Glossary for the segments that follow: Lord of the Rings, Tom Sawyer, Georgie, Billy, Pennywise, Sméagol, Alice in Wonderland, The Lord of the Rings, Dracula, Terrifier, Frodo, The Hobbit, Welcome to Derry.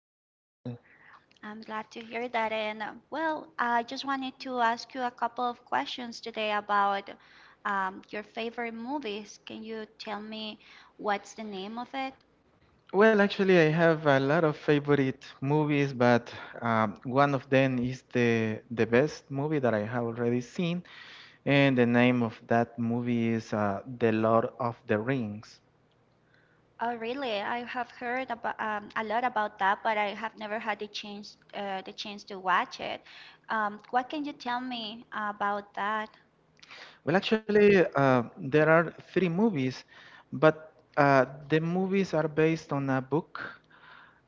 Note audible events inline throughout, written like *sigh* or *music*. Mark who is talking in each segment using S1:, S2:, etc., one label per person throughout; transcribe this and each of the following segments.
S1: I'm doing very well.
S2: I'm glad to hear that. And I just wanted to ask you a couple of questions today about your favorite movies. Can you tell me what's the name of it?
S1: Well, actually, I have a lot of favorite movies, but one of them is the best movie that I have already seen, and the name of that movie is The Lord of the Rings.
S2: Oh, really? I have heard about a lot about that, but I have never had the chance to watch it. What can you tell me about that?
S1: Well, actually, there are three movies, but the movies are based on a book,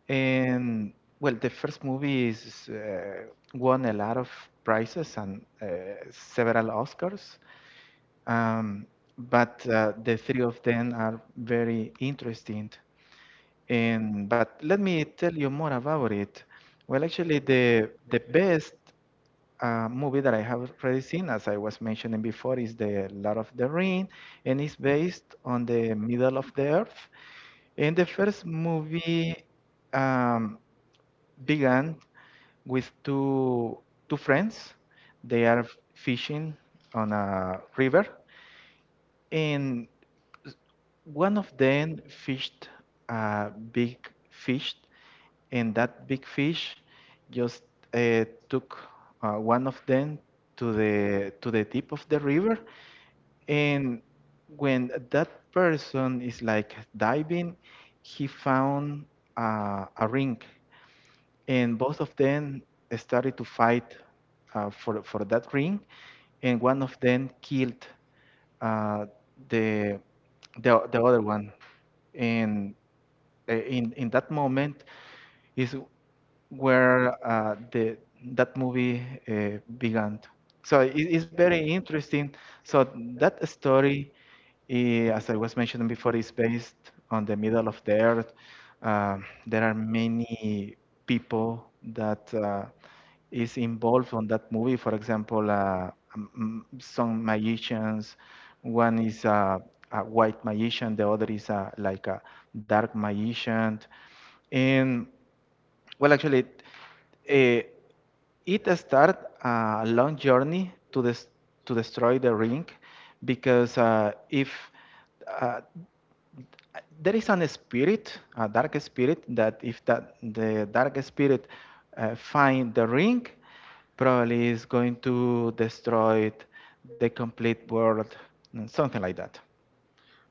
S1: and well, the first movie is won a lot of prizes and several Oscars. Um, but The three of them are very interesting. And but let me tell you more about it. Well, actually, the best movie that I have already seen, as I was mentioning before, is the Lord of the Ring, and it's based on the middle of the earth. And the first movie um, began with two friends. They are fishing on a river, and one of them fished a big fish, and that big fish just took one of them to the tip of the river. And when that person is like diving, he found a ring, and both of them started to fight for that ring, and one of them killed uh, the the other one, and in that moment is where the that movie began. So it's very interesting. So that story, as I was mentioning before, is based on the middle of the earth. There are many people that is involved on that movie. For example, some magicians. One is a white magician. The other is like a dark magician. And well, actually, eh, it started a long journey to destroy the ring, because if uh, there is an spirit, a dark spirit, that if that the dark spirit find the ring, probably is going to destroy the complete world, something like that.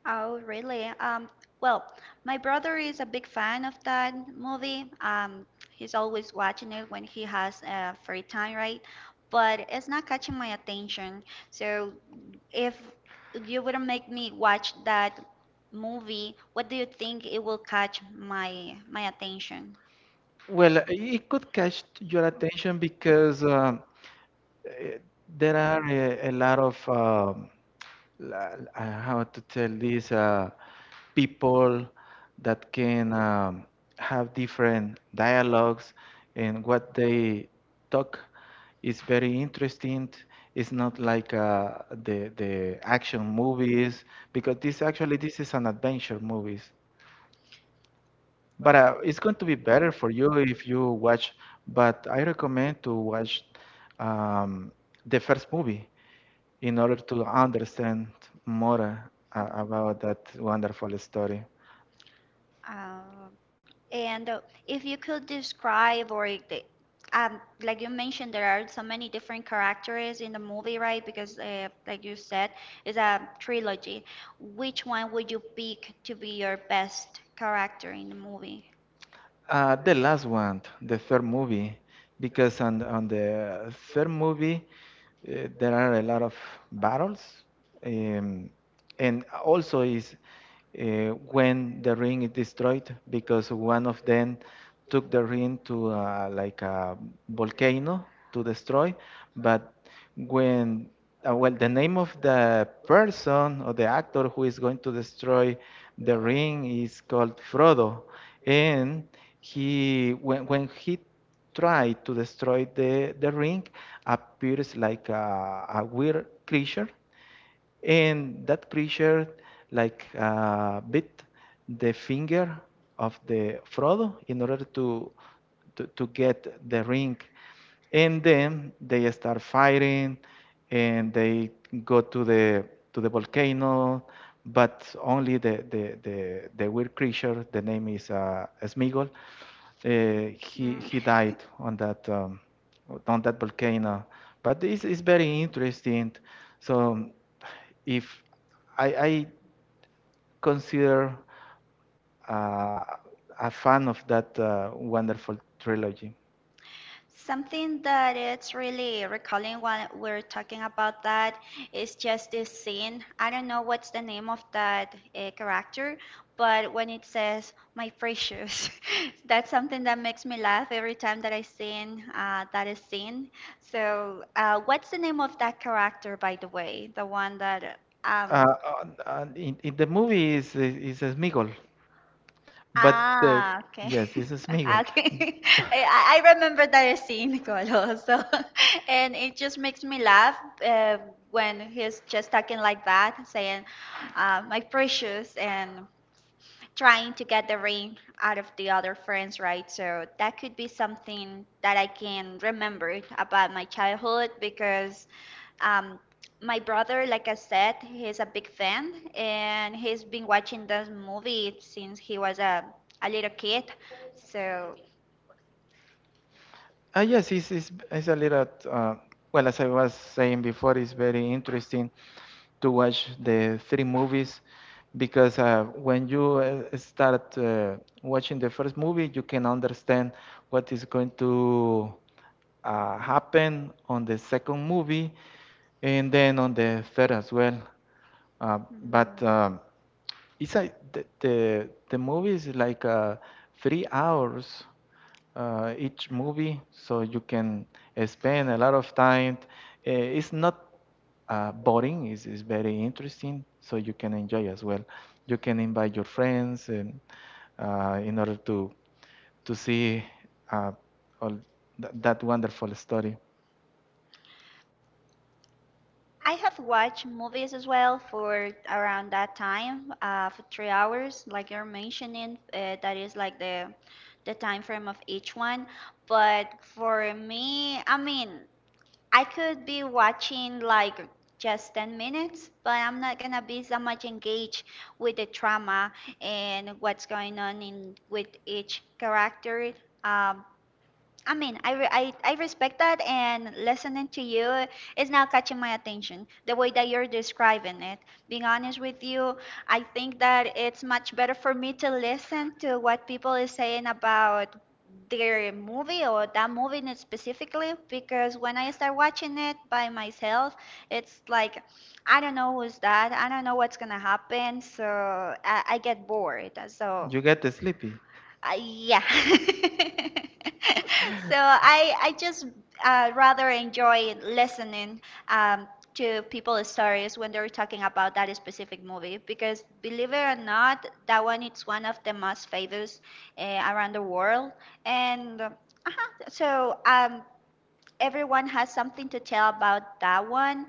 S2: Oh, really? Well, my brother is a big fan of that movie. He's always watching it when he has free time, right? But it's not catching my attention. So if you wouldn't make me watch that movie, what do you think it will catch my attention?
S1: Well, it could catch your attention because Eh, there are a lot of how to tell this people that can have different dialogues and what they talk is very interesting. It's not like the action movies because this is an adventure movies. But it's going to be better for you if you watch. But I recommend to watch um, the first movie in order to understand more about that wonderful story.
S2: Um, and If you could describe, like you mentioned, there are so many different characters in the movie, right? Because, like you said, it's a trilogy. Which one would you pick to be your best character in the movie?
S1: The last one, the third movie, because on the third movie, there are a lot of battles, um, and also is uh, when the ring is destroyed because one of them took the ring to like a volcano to destroy but when well the name of the person or the actor who is going to destroy the ring is called Frodo and he when he tried to destroy the ring appears like a weird creature and that creature like bit the finger of the Frodo in order to get the ring. And then they start fighting and they go to the volcano, but only the weird creature, the name is Sméagol, uh, he
S2: Mm.
S1: he died on that volcano. But it's very interesting.
S2: *laughs*
S1: So if I consider uh, a fan of that wonderful trilogy.
S2: Something that it's really recalling while we're talking about that is just this scene. I don't know what's the name of that character, but when it says "my precious," *laughs* that's
S1: *laughs*
S2: something that makes me laugh every time that I seen that is seen. So, what's the name of that character, by the way? The one that um,
S1: Uh, on- in the movie is Smigol. But uh,
S2: Ah, okay.
S1: yes,
S2: *laughs*
S1: this is Miguel.
S2: Okay. *laughs* I, I I remember the scene, Colo. So, *laughs* and it just makes me laugh uh, when he's just talking like that, saying, my precious, and trying to get the ring out of the other friends, right? So that could be something that I can remember about my childhood because um, my brother, like I said, he's a big fan and he's been watching this movie since he was a little kid. So
S1: Ah, yes, it's a little, well, as I was saying before, it's very interesting to watch the three movies because when you start watching the first movie, you can understand what is going to happen on the second movie and then on the third as well. But It's a, the movie is like 3 hours each movie, so you can spend a lot of time. It's not boring. It's very interesting, so you can enjoy as well. You can invite your friends and, in order to see uh, that wonderful story.
S2: I have watched movies as well for around that time, for 3 hours, like you're mentioning. That is like the time frame of each one. But for me, I mean, I
S1: I could
S2: could be
S1: watch
S2: watching
S1: like
S2: like
S1: just
S2: just 10
S1: 10 minutes.
S2: minutes, but I'm not gonna be so much engaged with the drama and what's going on in with each character. Um, I mean, I respect that, and listening to you is now catching my attention. The way that you're describing it, being honest with you, I think that it's much better for me to listen to what people is saying about their movie or that movie in specifically because when I start watching it by myself, it's like I don't know who's that, I don't know what's gonna happen, so I get bored. So
S1: You get sleepy.
S2: yeah. *laughs* So I just rather enjoy listening um, to people's stories when they're talking about that specific movie because believe it or not, that one it's one of the most famous around the world, and uh-huh, so everyone has something to tell about that one,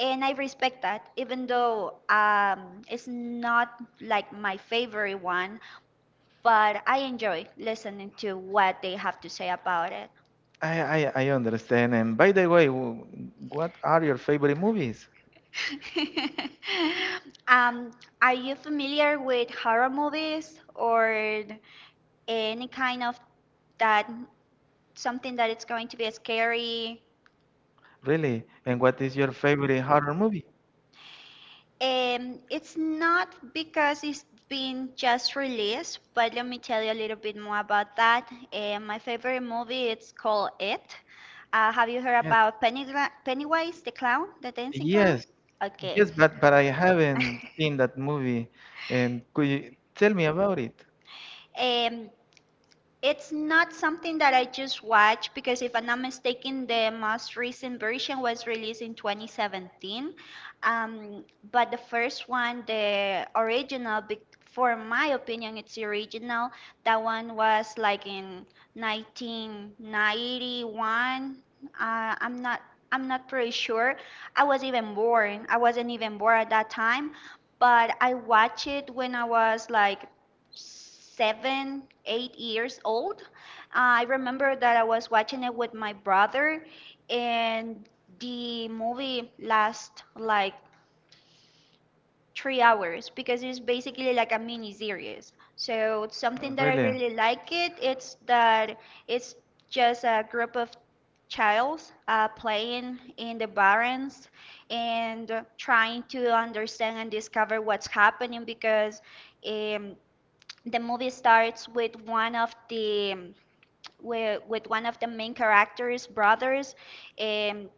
S2: and I respect that even though it's not like my favorite one, but I enjoy listening to what they have to say about it.
S1: I understand. And by the way, what are your favorite movies?
S2: *laughs* um, are you familiar with horror movies or any kind of that something that it's going to be scary?
S1: Really? And what is your favorite horror movie?
S2: It's not because it's been just released, but let me tell you a little bit more about that. My favorite movie it's called It. Have you heard about Pennywise the clown, the dancing clown?
S1: Yes,
S2: Okay.
S1: yes, but I haven't seen that movie. And could you tell me about it?
S2: Um, it's not something that I just watch because if I'm not mistaken, the most recent version was released in 2017. Um, but the first one, the original, for my opinion, it's the original. That one was like in 1991. I'm not. I'm not pretty sure. I was even born. I wasn't even born at that time, but I watched it when I was like seven, 8 years old. I remember that I was watching it with my brother, and the movie lasts like 3 hours because it's basically like a mini series. So it's something that I
S1: Really?
S2: really like it. It's that it's just a group of childs playing in the barrens and trying to understand and discover what's happening because. Um, the movie starts with one of the with one of the main characters brothers um,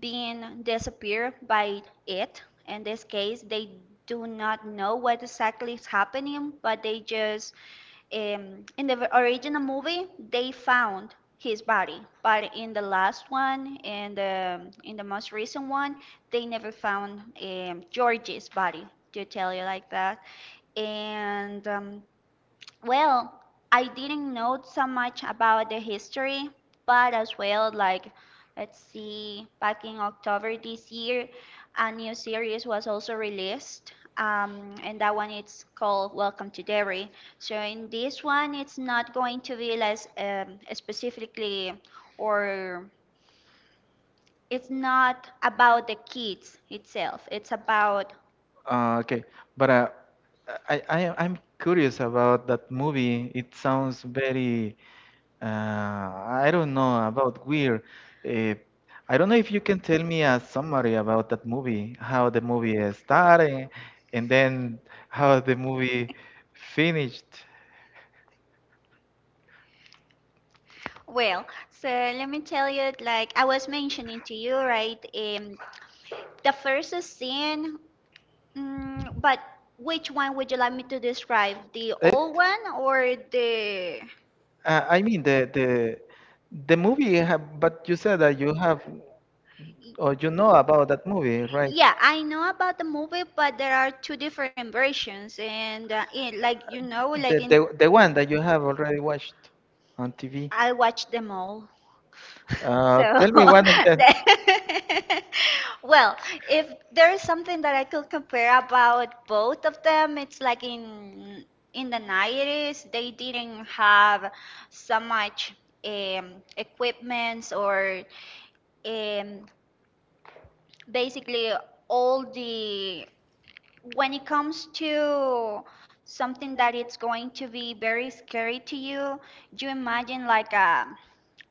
S2: being disappeared by it. In this case, they do not know what exactly is happening, but they just in the original movie they found his body, but in the last one and the in the most recent one they never found Georgie's body, to tell you like that. And well, I didn't know so much about the history, but as well, like, let's see, back in October this year, a new series was also released. And that one it's called Welcome to Derry. So in this one, it's not going to be less specifically, or it's not about the kids itself. It's about
S1: Okay, but I I'm curious about that movie. It sounds very uh, I don't know about weird. Uh, I don't know if you can tell me a summary about that movie, how the movie started, and then how the movie finished.
S2: well, so let me tell you, like I was mentioning to you, right? The first is sin, but which one would you like me to describe? The
S1: It,
S2: old one or the.
S1: I mean the movie. But you said that you have or you know about that movie, right?
S2: Yeah, I know about the movie, but there are two different versions, and like you know,
S1: The the the one that you have already watched on TV.
S2: I watched them all. *laughs* So
S1: Tell me one of them.
S2: *laughs* Well, if there's something that I could compare about both of them, it's like in the 90s, they didn't have so much equipments or um, basically all the when it comes to something that it's going to be very scary to you, you imagine like a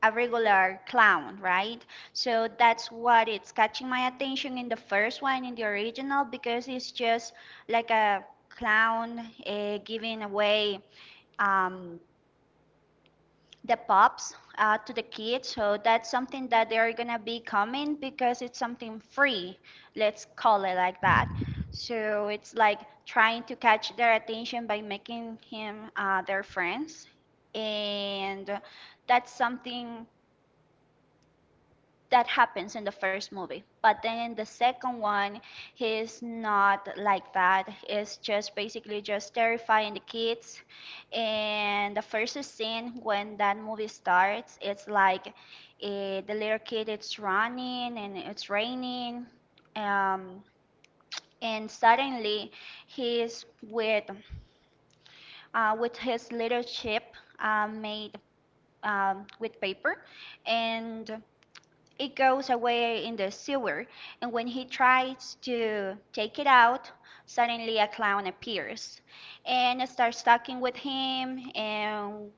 S2: a regular clown, right? So that's what it's catching my attention in the first one, in the original, because it's just like a clown giving away um, the pops to the kids. So that's something that they're gonna be coming because it's something free. Let's call it like that. So it's like trying to catch their attention by making him their friends, and that's something that happens in the first movie, but then in the second one he's not like that. It's just basically just terrifying the kids. And the first scene when that movie starts, it's like the little kid it's running and it's raining, um, and suddenly he's with with his little chip made with paper, and it goes away in the sewer, and when he tries to take it out, suddenly a clown appears and starts talking with him. And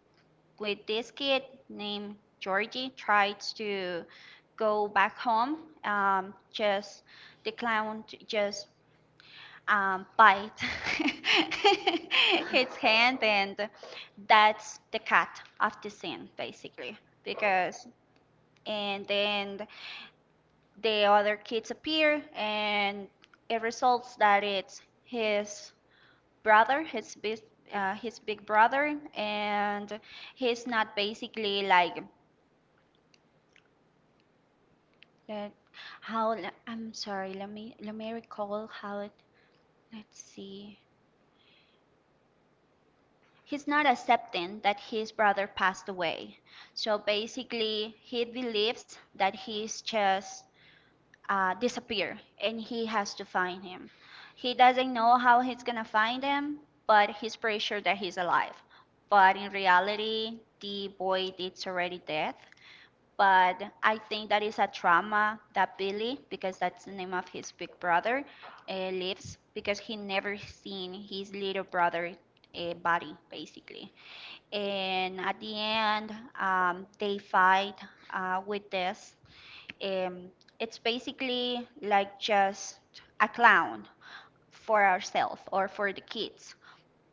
S2: with this kid named Georgie, tries to go back home. Just the clown just bite *laughs* his hand, and that's the cut of the scene, basically. Because and then the other kids appear and it results that it's his brother, his big brother, and he's not basically like uh, how I'm sorry let me recall how it let's see he's not accepting that his brother passed away, so basically he believes that he's just disappear and he has to find him. He doesn't know how he's gonna find him, but he's pretty sure that he's alive. But in reality, the boy is already dead. But I think that is a trauma that Billy, because that's the name of his big brother, lives because he never seen his little brother body basically. And at the end, they fight with this um, it's basically like just a clown for ourselves or for the kids,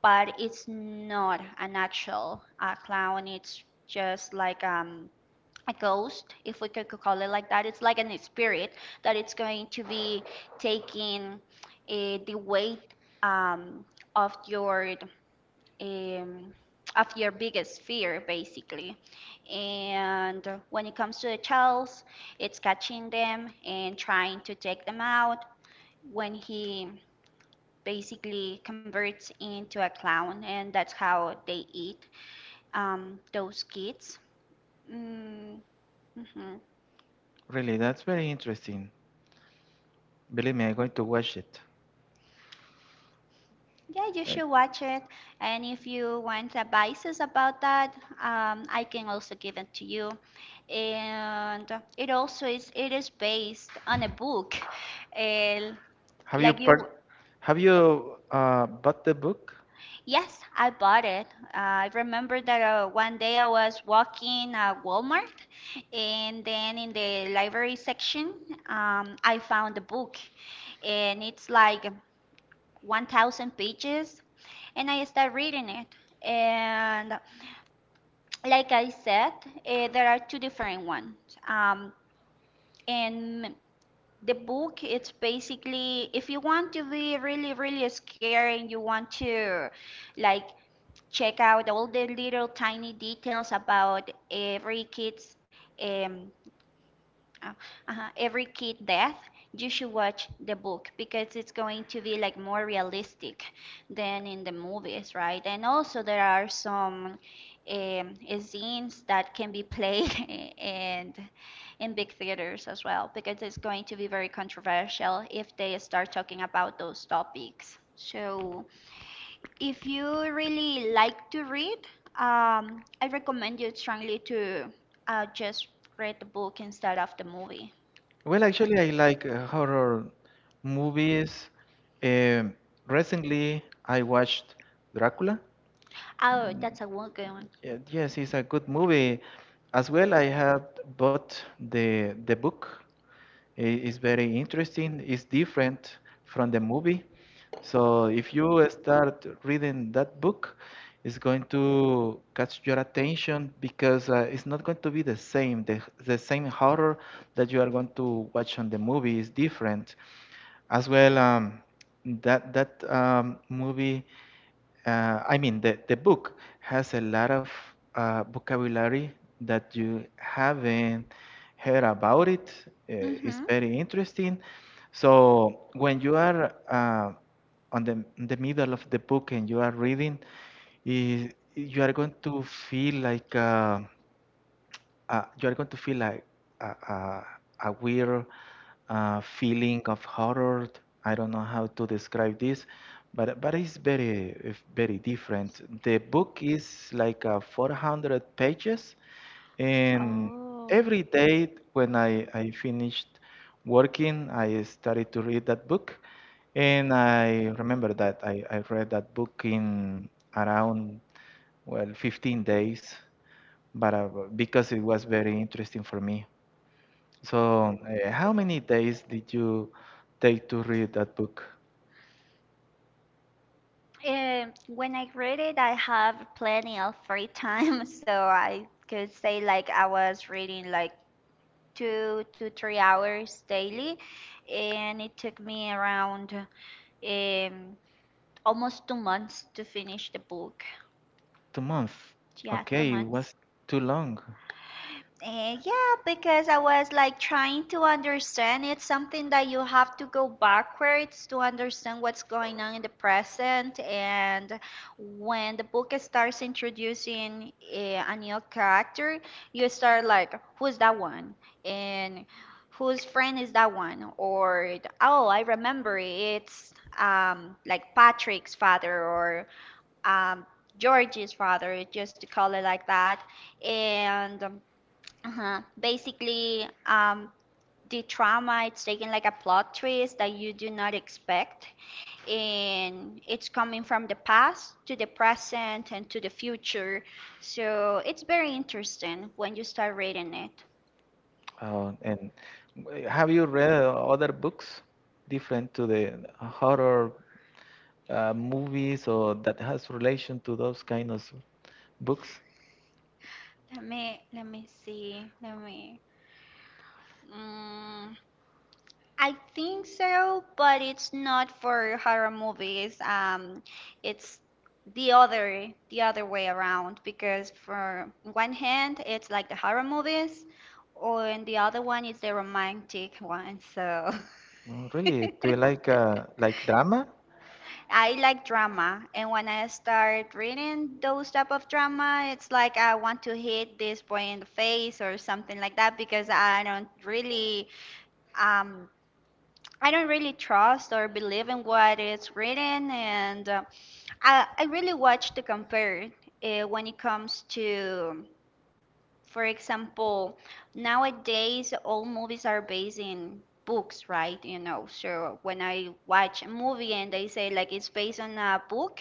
S2: but it's not an actual clown. It's just like a ghost, if we could call it like that. It's like an spirit that it's going to be taking the weight um, of your um, of your biggest fear, basically. And when it comes to the childs, it's catching them and trying to take them out when he basically converts into a clown, and that's how they eat those kids. Mm, Mm-hmm.
S1: Really, that's very interesting. Believe me, I'm going to watch it.
S2: Yeah, you
S1: Uh,
S2: should watch it. And if you want advices about that, I can also give it to you. And it also is it is based on a book. And
S1: Have you
S2: like you,
S1: part? Have you bought the book?
S2: yes, I bought it. I remember that one day I was walking at Walmart, and then in the library section, I found the book, and it's like 1,000 pages, and I started reading it. And like I said, there are two different ones. Um, and the book, it's basically if you want to be really scared and you want to like check out all the little tiny details about every kid's um, uh, every kid death, you should watch the book because it's going to be like more realistic than in the movies, right? And also there are some um, scenes that can be played *laughs* and in big theaters as well, because it's going to be very controversial if they start talking about those topics. So if you really like to read, I recommend you strongly to just read the book instead of the movie.
S1: Well, actually, I like horror movies. Um, Recently, I watched Dracula.
S2: Oh,
S1: Mm,
S2: that's a one good one.
S1: yeah. Yes, it's a good movie. As well, I have bought the book. It is very interesting. It's different from the movie. So if you start reading that book, it's going to catch your attention because it's not going to be the same. The same horror that you are going to watch on the movie is different. As well, that that movie I mean, the book has a lot of vocabulary that you haven't heard about it.
S2: Mm-hmm.
S1: It's very interesting. So when you are on the in the middle of the book and you are reading, you are going to feel like. You're going to feel like a, a, a weird feeling of horror. I don't know how to describe this, but it's very different. The book is like 400 pages, and
S2: Oh.
S1: every day when I finished working, I started to read that book, and I remember that I read that book in around well 15 days but because it was very interesting for me. So, how many days did you take to read that book?
S2: When I read it, I have plenty of free time, *laughs* so I could say like I was reading like 2 to 3 hours daily, and it took me around um almost 2 months to finish the book.
S1: 2 months.
S2: Yeah, two
S1: Okay, it
S2: months.
S1: was too long.
S2: Yeah, because I was like trying to understand. It's something that you have to go backwards to understand what's going on in the present. And when the book starts introducing a new character, you start like, who's that one? And whose friend is that one? Or, oh, I remember it's like Patrick's father or um, George's father, just to call it like that. And uh-huh. Basically, the trauma, it's taking like a plot twist that you do not expect, and it's coming from the past to the present and to the future. So it's very interesting when you start reading it.
S1: Uh, and have you read other books different to the horror movies or that has relation to those kind of books?
S2: Let me see. Let me. Mm, I think so, but it's not for horror movies. It's the other way around, because for one hand it's like the horror movies, or and the other one is the romantic one. So *laughs*
S1: Oh, really? Do you like drama?
S2: I like drama, and when I start reading those type of drama, it's like I want to hit this boy in the face or something like that, because um I don't really trust or believe in what is written, and I really watch to compare when it comes to, for example, nowadays all movies are based in books, right? You know, so when I watch a movie and they say like it's based on a book,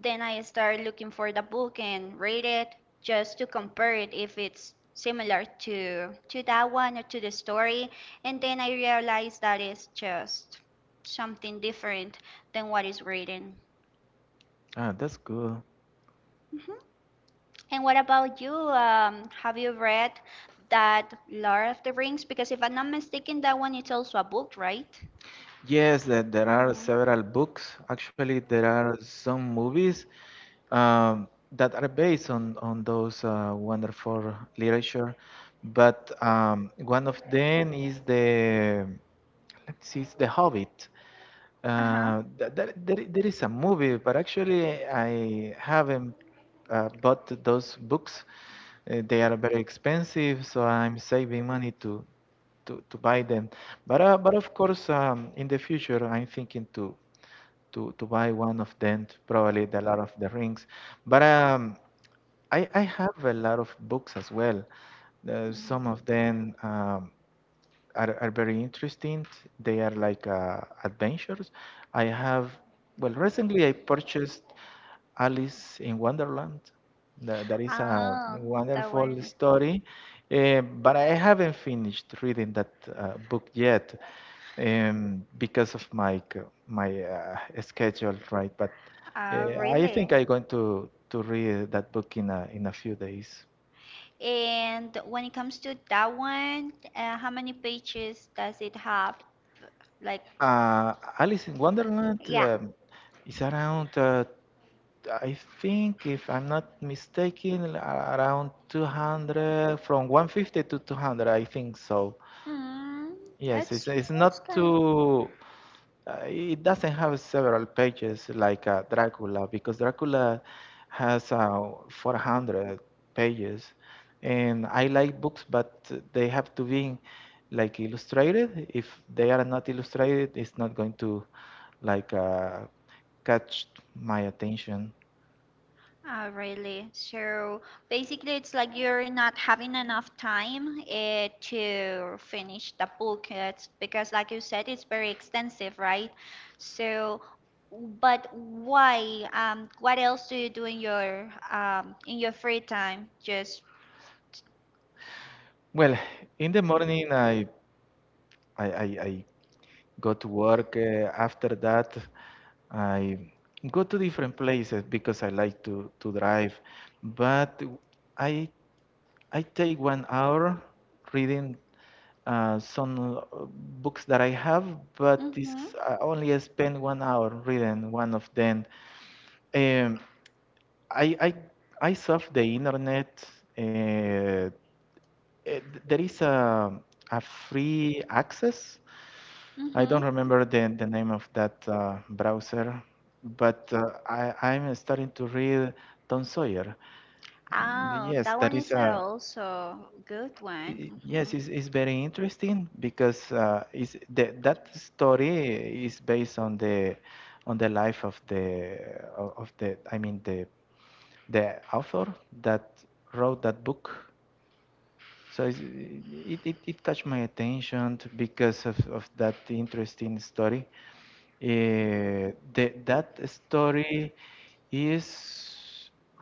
S2: then I start looking for the book and read it just to compare it if it's similar to that one or to the story. And then I realize that it's just something different than what is written.
S1: Ah, that's good.
S2: Mhm. And what about you? Have you read that Lord of the Rings? Because if I'm not mistaken, that one is also a book, right?
S1: Yes, that there are several books. Actually, there are some movies. um, that are based on those wonderful literature. But one of them is the let's see, it's The Hobbit.
S2: Uh huh.
S1: There is a movie, but actually I haven't bought those books. They are very expensive, so I'm saving money to buy them. But but of course, in the future, I'm thinking to buy one of them, to probably the lot of the Rings. But I I have a lot of books as well. Some of them. Are very interesting. They are like adventures. I have, well, recently I purchased Alice in Wonderland. That is a
S2: Oh, that
S1: wonderful
S2: one.
S1: story, but I haven't finished reading that book yet because of my schedule, right? But
S2: Ah,
S1: I think
S2: really?
S1: I'm going to read that book in a few days.
S2: And when it comes to that one, how many pages does it have? Like,
S1: Uh, Alice in Wonderland
S2: yeah.
S1: is around I think, if I'm not mistaken, around 200, from 150 to 200, I think so.
S2: Mm,
S1: Yes,
S2: that's
S1: it's
S2: it's
S1: not
S2: kind.
S1: too, it doesn't have several pages like Dracula, because Dracula has 400 pages. And I like books, but they have to be like illustrated. If they are not illustrated, it's not going to like catch my attention.
S2: Oh, really? So basically, it's like you're not having enough time to finish the book. It's because, like you said, it's very extensive, right? So, but why? What else do you do in your free time? Just.
S1: Well, in the morning, I go to work. After that, I go to different places because I like to drive. But I I take 1 hour reading some books that I have, but this
S2: Mm-hmm.
S1: I only spend 1 hour reading one of them. Um, I I I surf the internet. Uh, eh, there is a free access I
S2: Mm-hmm.
S1: don't remember the name of that browser, but I'm starting to read Tom Sawyer.
S2: Oh,
S1: Yes,
S2: that
S1: that
S2: one
S1: is
S2: is also good one.
S1: yes, it's very interesting because is the, that story is based on the life of the I mean the author that wrote that book. So it's, it catch my attention because of that interesting story. That story is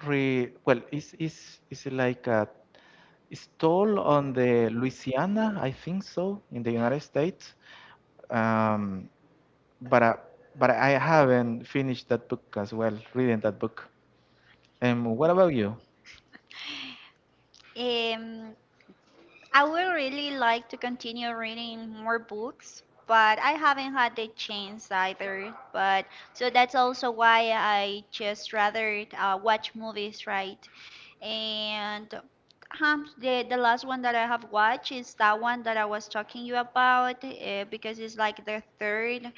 S1: re well is like a it's told on the Louisiana, I think so, in the United States. Um, but uh, but I haven't finished that book as well, reading that book. What about you?
S2: Mhm. I would really like to continue reading more books, but I haven't had the chance either. But so that's also why I just rather watch movies, right? And the last one that I have watched is that one that I was talking you about because it's like the third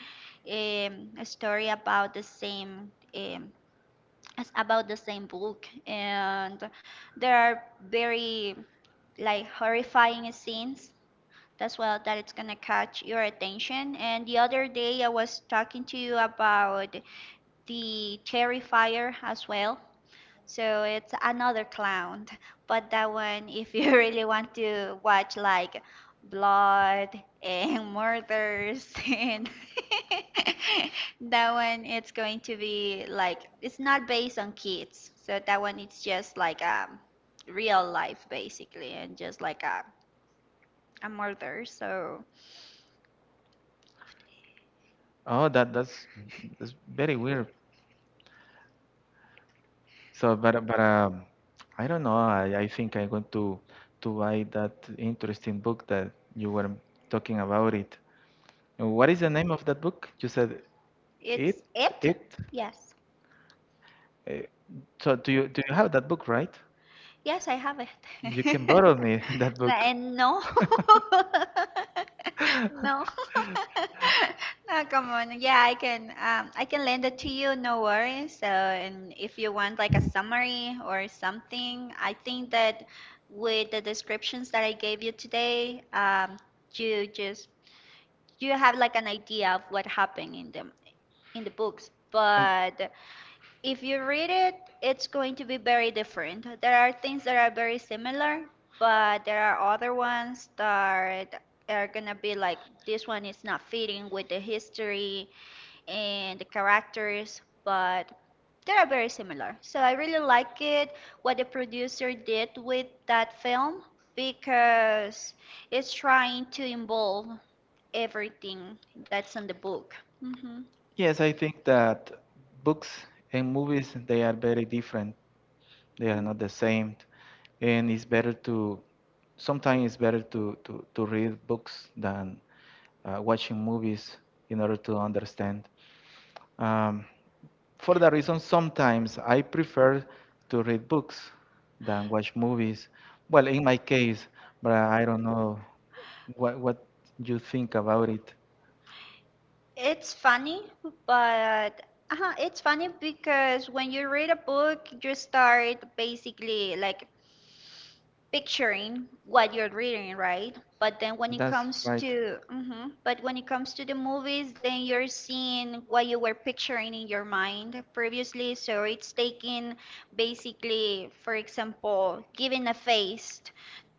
S2: story about the same. It's about the same book, and there are very like horrifying scenes that's well, that it's gonna catch your attention. And the other day I was talking to you about the Terrifier as well, so it's another clown. *laughs* But that one, if you *laughs* really want to watch like blood and murders, *laughs* and *laughs* that one, it's going to be like, it's not based on kids. So that one, it's just like real life, basically, and just like a murder. So it's it. Yes, yes, I have it. *laughs* Nga and no. *laughs* No. *laughs* No, come on. Yeah, I can lend it to you, no worries. So, and if you want like a summary or something, I think that with the descriptions that I gave you today, you just you have like an idea of what happened in the books. But if you read it, it's going to be very different. There are things that are very similar, but there are other ones that are gonna be like, this one is not fitting with the history and the characters, but they are very similar. So I really like it what the producer did with that film, because it's trying to involve everything that's in the book. Hmm. It's funny, but it's funny because when you read a book, you start basically like picturing what you're reading, right? But then when it comes to, mhm, but when it comes to the movies, then you're seeing what you were picturing in your mind previously. So it's taking basically, for example, giving a face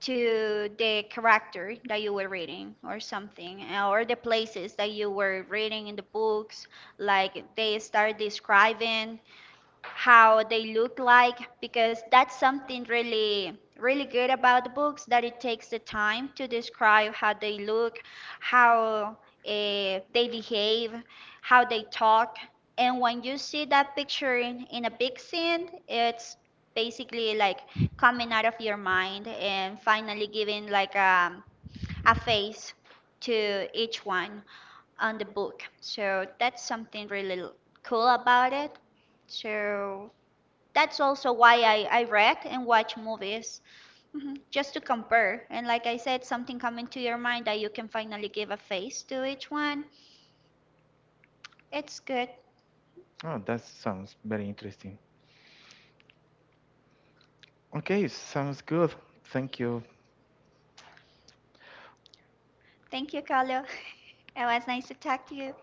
S2: to the character that you were reading or something, or the places that you were reading in the books, like they start describing how they look like, because that's something really really good about the books, that it takes the time to describe how they look, how they behave, how they talk. And when you see that picture in, a big scene, it's basically like coming out of your mind and finally giving like a face to each one on the book. So that's something cool about it. So that's also why I read and watch movies, mhm, just to compare. And like I said, something coming to your mind that you can finally give a face to each one. It's good. Thank you, Carlo. *laughs* It was nice to talk to you.